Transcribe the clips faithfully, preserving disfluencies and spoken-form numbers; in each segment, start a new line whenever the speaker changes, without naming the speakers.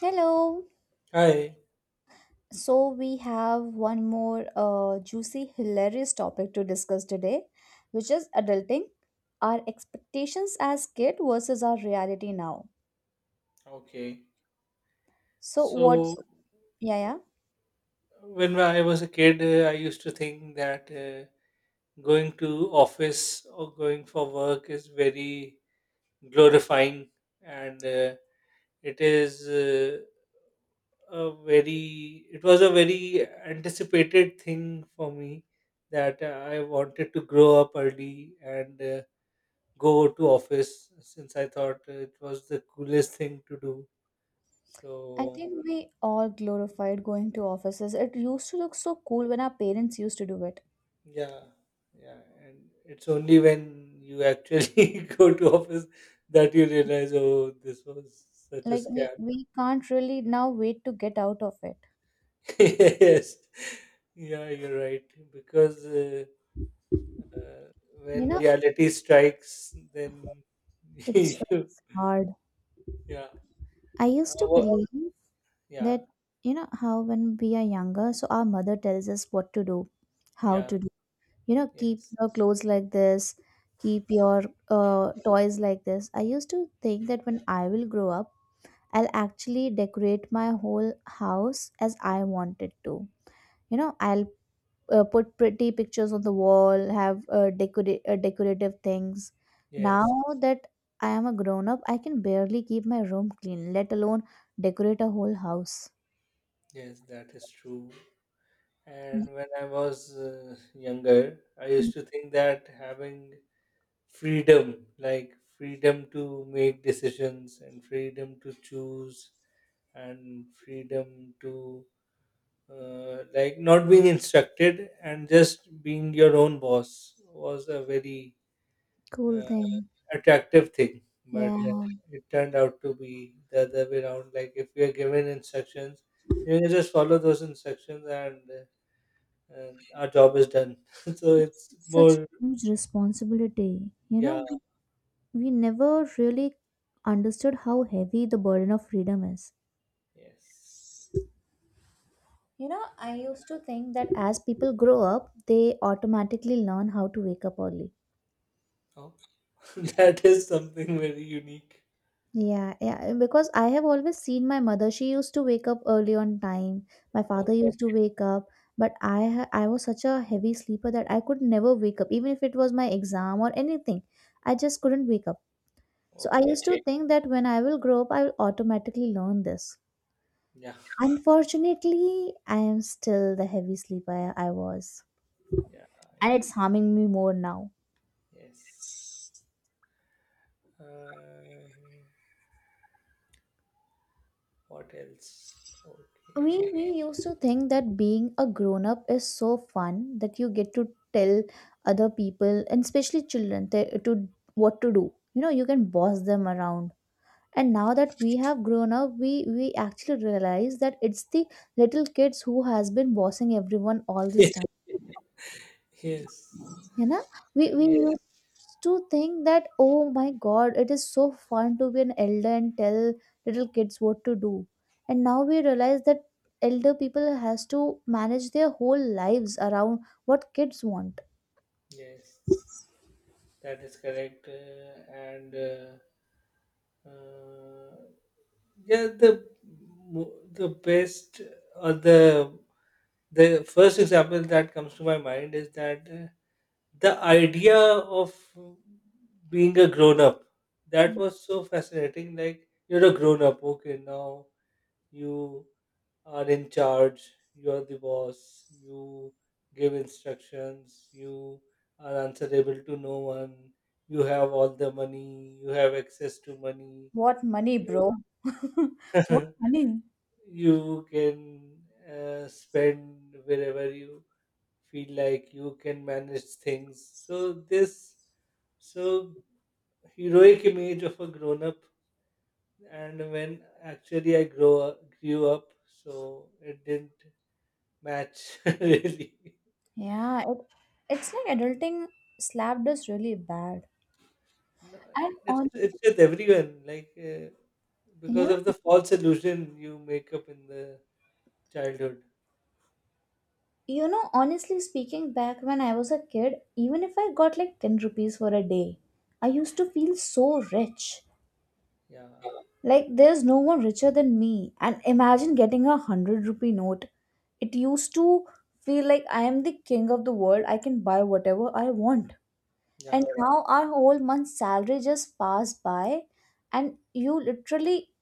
Hello.
Hi.
So, we have one more uh, juicy, hilarious topic to discuss today, which is adulting, our expectations as kid versus our reality now.
Okay.
So, what,
So
yeah, yeah,
when I was a kid, uh, I used to think that uh, going to office or going for work is very glorifying, and uh, it is uh, a very it was a very anticipated thing for me that I wanted to grow up early and uh, go to office since I thought it was the coolest thing to do.
I
So.
think we all glorified going to offices. It used to look so cool when our parents used to do it.
Yeah, yeah, and it's only when you actually go to office that you realize, oh, this was such a
Like, we,
scam.
we can't really now wait to get out of it.
Yes, yeah, you're right. Because uh, uh,
You
when
know,
reality strikes, then.
it's
you,
hard.
yeah.
I
uh,
used to
wha-
believe
yeah,
that, you know how when we are younger so our mother tells us what to do, how
yeah,
to do, you know, keep
yes,
your clothes like this, keep your uh, toys like this. I used to think that when I will grow up, I'll actually decorate my whole house as I wanted to. You know, I'll uh, put pretty pictures on the wall, have uh, decora- uh, decorative things. Now
yes,
that I am a grown up, I can barely keep my room clean, let alone decorate a whole house.
yes, that is true. And when I was uh, younger, I used to think that having freedom, like freedom to make decisions and freedom to choose and freedom to uh, like not being instructed and just being your own boss, was a very
Cool
uh,
thing.
attractive thing, but
Yeah,
uh, it turned out to be the other way around. Like, if we are given instructions, you can just follow those instructions and uh, uh, our job is done. So it's
it's such a
more.
huge responsibility. You
Yeah.
know, we we never really understood how heavy the burden of freedom is.
Yes.
You know, I
Uh,
used to think that as people grow up, they automatically learn how to wake up early.
oh. That is something very unique.
Yeah, yeah, because I have always seen my mother. She used to wake up early on time. My father
Okay.
used to wake up, but I ha- I was such a heavy sleeper that I could never wake up, even if it was my exam or anything. I just couldn't wake up. So I
Okay.
used to, okay, think that when I will grow up, I will automatically learn this.
Yeah.
Unfortunately, I am still the heavy sleeper I I was,
Yeah.
and
I-
it's harming me more now.
Yes. Uh, what else?
We
Okay.
we used to think that being a grown up is so fun that you get to tell other people and especially children te- to what to do. You know, you can boss them around. And now that we have grown up, we we actually realize that it's the little kids who has been bossing everyone all this time.
Yes.
You know, we
And
we
yes.
to think that, oh my god, it is so fun to be an elder and tell little kids what to do, and now we realize that elder people has to manage their whole lives around what kids want.
Yes. That is correct. Uh, and uh, uh, yeah, the mo- the best, or the the first example that comes to my mind, is that, uh, the idea of being a grown up that was so fascinating. Like, you're a grown up, okay, now you are in charge, you're the boss, you give instructions, you are answerable to no one, you have all the money, you have access to money,
What money,
you
bro? what money?
you can uh, spend wherever you feel like, you can manage things. So this so heroic image of a grown up, and when actually I grow up, grew up, so it didn't match really.
Yeah, it, it's like adulting slapped us really bad.
No,
And
it's it's
honestly,
with everyone, like uh,
yeah,
because of the false illusion you make up in the childhood.
you know, honestly speaking, back when I was a kid, even if I got like ten rupees for a day, I used to feel so rich.
Yeah.
Like, there's no one richer than me. And imagine getting a hundred rupee note. It used to feel like I am the king of the world. I can buy whatever I want. And
Yeah.
now our whole month's salary just passed by, and you literally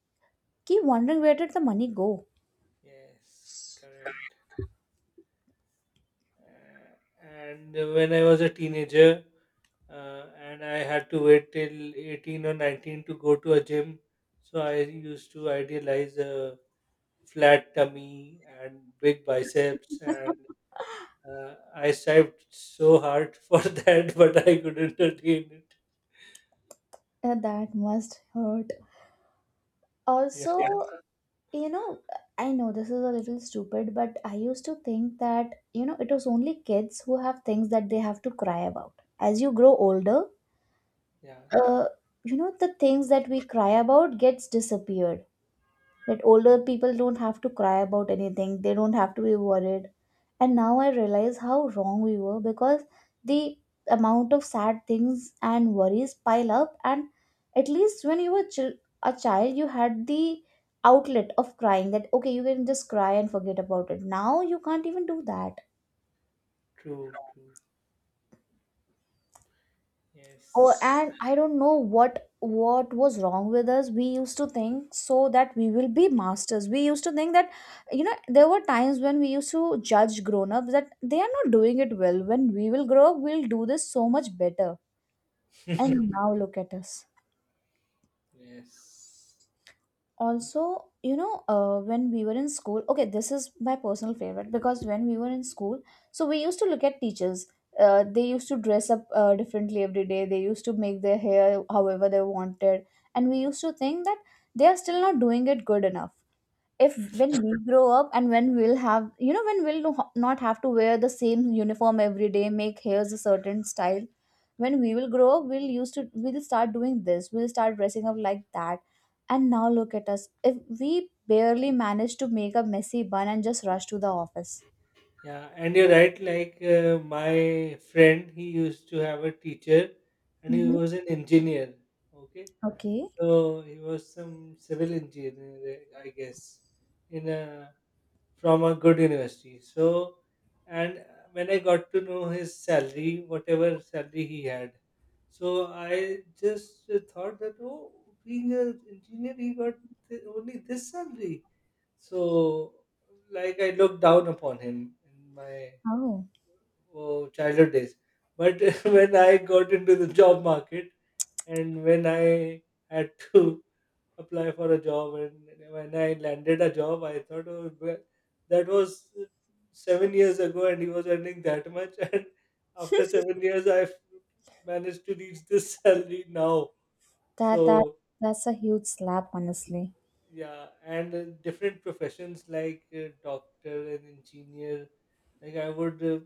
keep wondering where did the money go.
Yes, correct. Uh, and when I was a teenager, uh, and I had to wait till eighteen or nineteen to go to a gym, so I used to idealize a flat tummy and big biceps, and uh, I strived so hard for that, but I couldn't attain it.
Uh, that must hurt.
Yeah.
Also, yeah, you know, I know this is a little stupid, but I used to think that, you know, it was only kids who have things that they have to cry about. As you grow older,
Yeah.
uh, you know, the things that we cry about gets disappeared, that older people don't have to cry about anything, they don't have to be worried. And now I realize how wrong we were, because the amount of sad things and worries pile up, and at least when you were chil- a child, you had the outlet of crying, that okay, you can just cry and forget about it. Now you can't even do that.
True, true.
Oh,
Yes.
and I don't know what what was wrong with us. We used to think so that we will be masters. We used to think that, you know, there were times when we used to judge grown ups that they are not doing it well. When we will grow up, we'll do this so much better. And now look at us.
Yes.
Also, you know, uh, when we were in school, okay, this is my personal favorite, because when we were in school, so we used to look at teachers. Uh, they used to dress up uh, differently every day, they used to make their hair however they wanted, and we used to think that they are still not doing it good enough. If when we grow up and when we'll have, you know, when we'll no- not have to wear the same uniform every day, make hairs a certain style, when we will grow up, we'll used to we'll start doing this, we'll start dressing up like that. And now look at us, if we barely manage to make a messy bun and just rush to the office.
Yeah, and you're right. Like, uh, my friend, he used to have a teacher, and he
Mm-hmm.
was an engineer. Okay.
Okay.
So he was some civil engineer, I guess, in a from a good university. So, and when I got to know his salary, whatever salary he had, so I just thought that, oh, being an engineer, he got th- only this salary. So, like, I looked down upon him in my,
Oh,
oh, childhood days. But when I got into the job market and when I had to apply for a job and when I landed a job, I thought, oh, well, that was seven years ago and he was earning that much, and after seven years I've managed to reach this salary now,
that, that
so.
that's a huge slap, honestly.
Yeah, and uh, different professions like uh, doctor and engineer, like i would uh,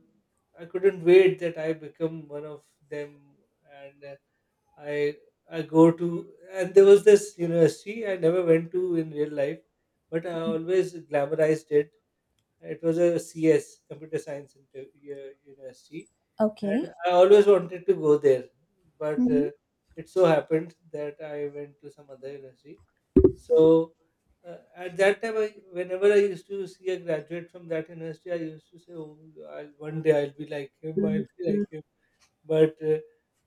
I couldn't wait that I become one of them. And uh, I I go to and there was this university I never went to in real life, but I always glamorized it. It was a C S, computer science inter- u- university,
Okay.
and I always wanted to go there, but
mm-hmm.
uh, it so happened that I went to some other university. So uh, at that time, I, whenever I used to see a graduate from that university, I used to say, "Oh, I'll, one day I'll be like him. I'll be like him." But uh,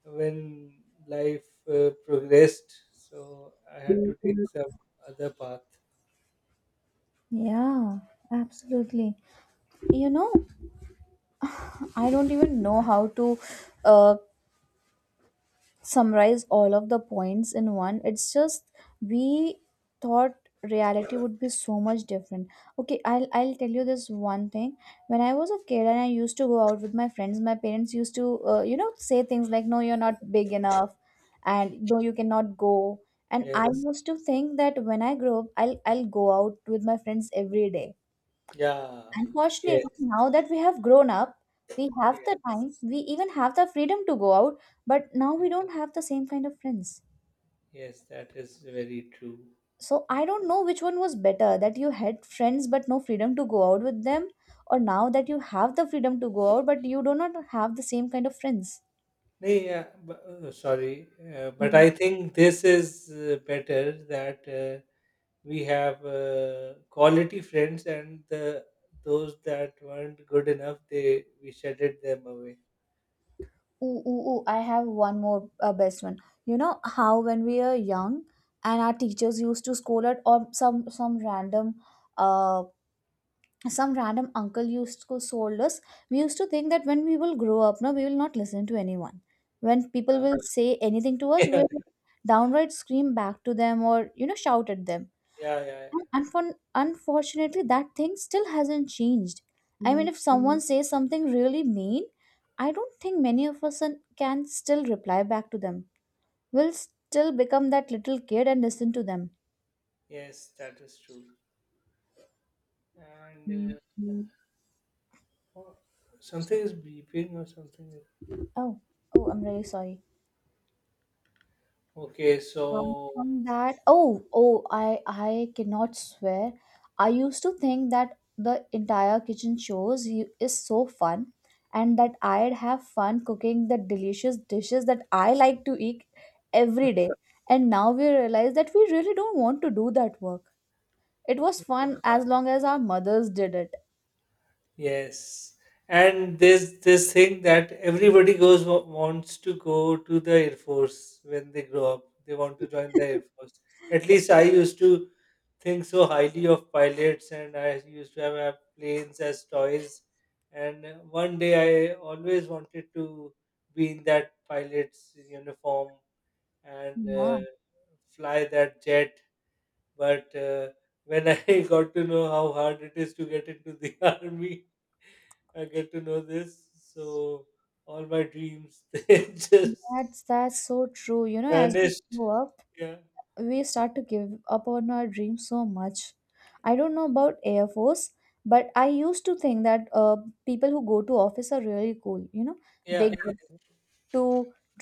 when life uh, progressed, so I had to take some other path.
Yeah, absolutely. You know, I don't even know how to uh, summarize all of the points in one. It's just we thought reality would be so much different. Okay, i'll i'll tell you this one thing. When I was a kid and I used to go out with my friends, my parents used to, uh, you know, say things like no, you're not big enough, and no, you cannot go. And I
Yes.
used to think that when I grow up, i'll i'll go out with my friends every day.
Yeah.
Unfortunately,
Yes.
now that we have grown up, we have the
Yes.
time, we even have the freedom to go out, but now we
Yes.
don't have the same kind of friends.
Yes, that is very true.
So I don't know which one was better, that you had friends but no freedom to go out with them, or now that you have the freedom to go out but you do not have the same kind of friends.
Nee, yeah, but, uh, sorry, uh, but
Mm.
I think this is uh, better, that uh, we have uh, quality friends, and the those that weren't good enough, they we shedded them away.
Ooh, ooh, ooh, I have one more uh, best one. You know how when we are young and our teachers used to scold us or some some random uh some random uncle used to sold us, we used to think that when we will grow up, no, we will not listen to anyone. When people
Ah,
will say anything to us,
yeah.
we'll downright scream back to them, or you know, shout at them.
Yeah, yeah. Yeah.
And for, unfortunately that thing still hasn't changed. I mean, if someone, mhm, says something really mean, I don't think many of us un- can still reply back to them. We'll still become that little kid and listen to them.
Yes, that is true. And uh, oh, something is beeping or something.
Oh. Oh, I'm really sorry.
Okay,
Apart
so
from that, oh, oh, I, I cannot swear. I used to think that the entire kitchen shows you- is so fun, and that I'd have fun cooking the delicious dishes that I like to eat every day. And now we realize that we really don't want to do that work. It was fun as long as our mothers did it.
yes, and there's this thing that everybody goes wa- wants to go to the Air Force when they grow up. They want to join the Air Force. At least I used to think so highly of pilots, and I used to have, have planes as toys. And uh, one day I always wanted to be in that pilot's uniform and
Yeah,
uh, fly that jet. But uh, when I got to know how hard it is to get into the army, I get to know this. So all my dreams they just
that's that's so true. You know, as we
vanished.
grow up,
Yeah,
we start to give up on our dreams so much. I don't know about Air Force, but I used to think that uh, people who go to office are really cool. You know, they,
yeah,
yeah,
yeah,
get to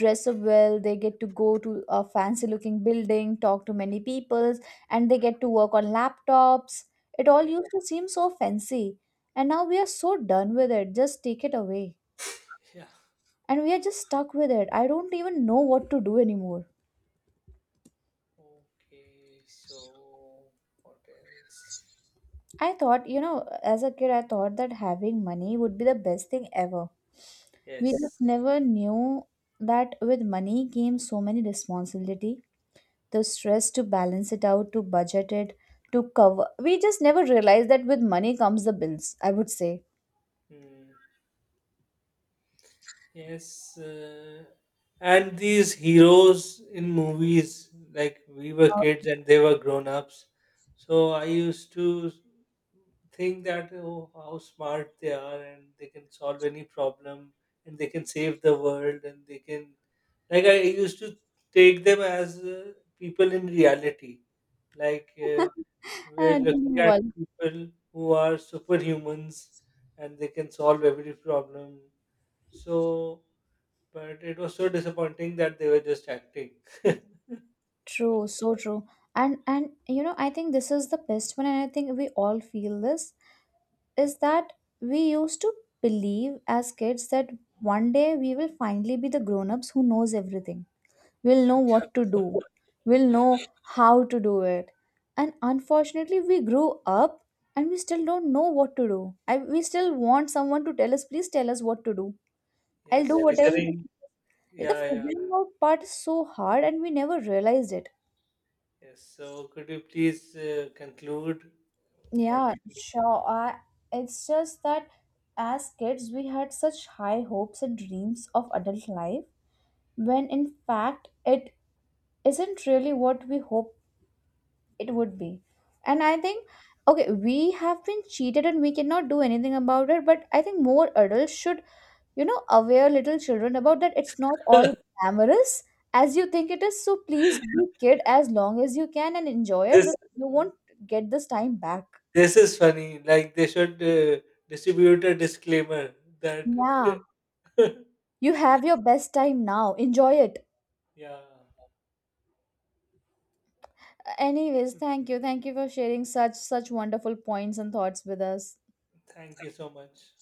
dress up well, they get to go to a fancy looking building, talk to many people, and they get to work on laptops. It
yeah,
all used to seem so fancy. And now we are so done with it. Just take it away.
yeah.
And we are just stuck with it. I don't even know what to do anymore.
Okay, so what else?
I thought, you know, as a kid, I thought that having money would be the best thing ever. We, yeah, just
Yes.
never knew that with money came so many responsibility, the stress to balance it out, to budget it, to cover. We just never realized that with money comes the bills, I would say.
Hmm. Yes, uh, and these heroes in movies, like we were
Oh.
kids and they were grown ups. So I used to think that, oh, how smart they are, and they can solve any problem, and they can save the world, and they can like, I used to take them as uh, people in reality, like uh, we're
And
looking
we
at
all
people who are superhumans and they can solve every problem. So, but it was so disappointing that they were just acting.
true, so true. And and you know, I think this is the best one, and I think we all feel this. Is that we used to believe as kids that one day we will finally be the grown-ups who knows everything. We'll know what to do, we'll know how to do it. And unfortunately we grew up, and we still don't know what to do. I, we still want someone to tell us, please tell us what to do. I'll
Yes,
do, yes, whatever you.
figuring.
The
Yeah, yeah.
figuring out part is so hard and we never realized it.
Yes. So, could you please uh, conclude what.
Yeah, sure. I, it's just that as kids, we had such high hopes and dreams of adult life, when in fact, it isn't really what we hope it would be. And I think, okay, we have been cheated and we cannot do anything about it, but I think more adults should, you know, aware little children about that it's not all glamorous as you think it is. So please be kid as long as you can and enjoy it
this
because you won't get this time back.
this is funny. Like, they should uh, distribute a disclaimer that.
Yeah. You have your best time now. Enjoy it.
Yeah.
Anyways, thank you. Thank you for sharing such such wonderful points and thoughts with us.
Thank you so much.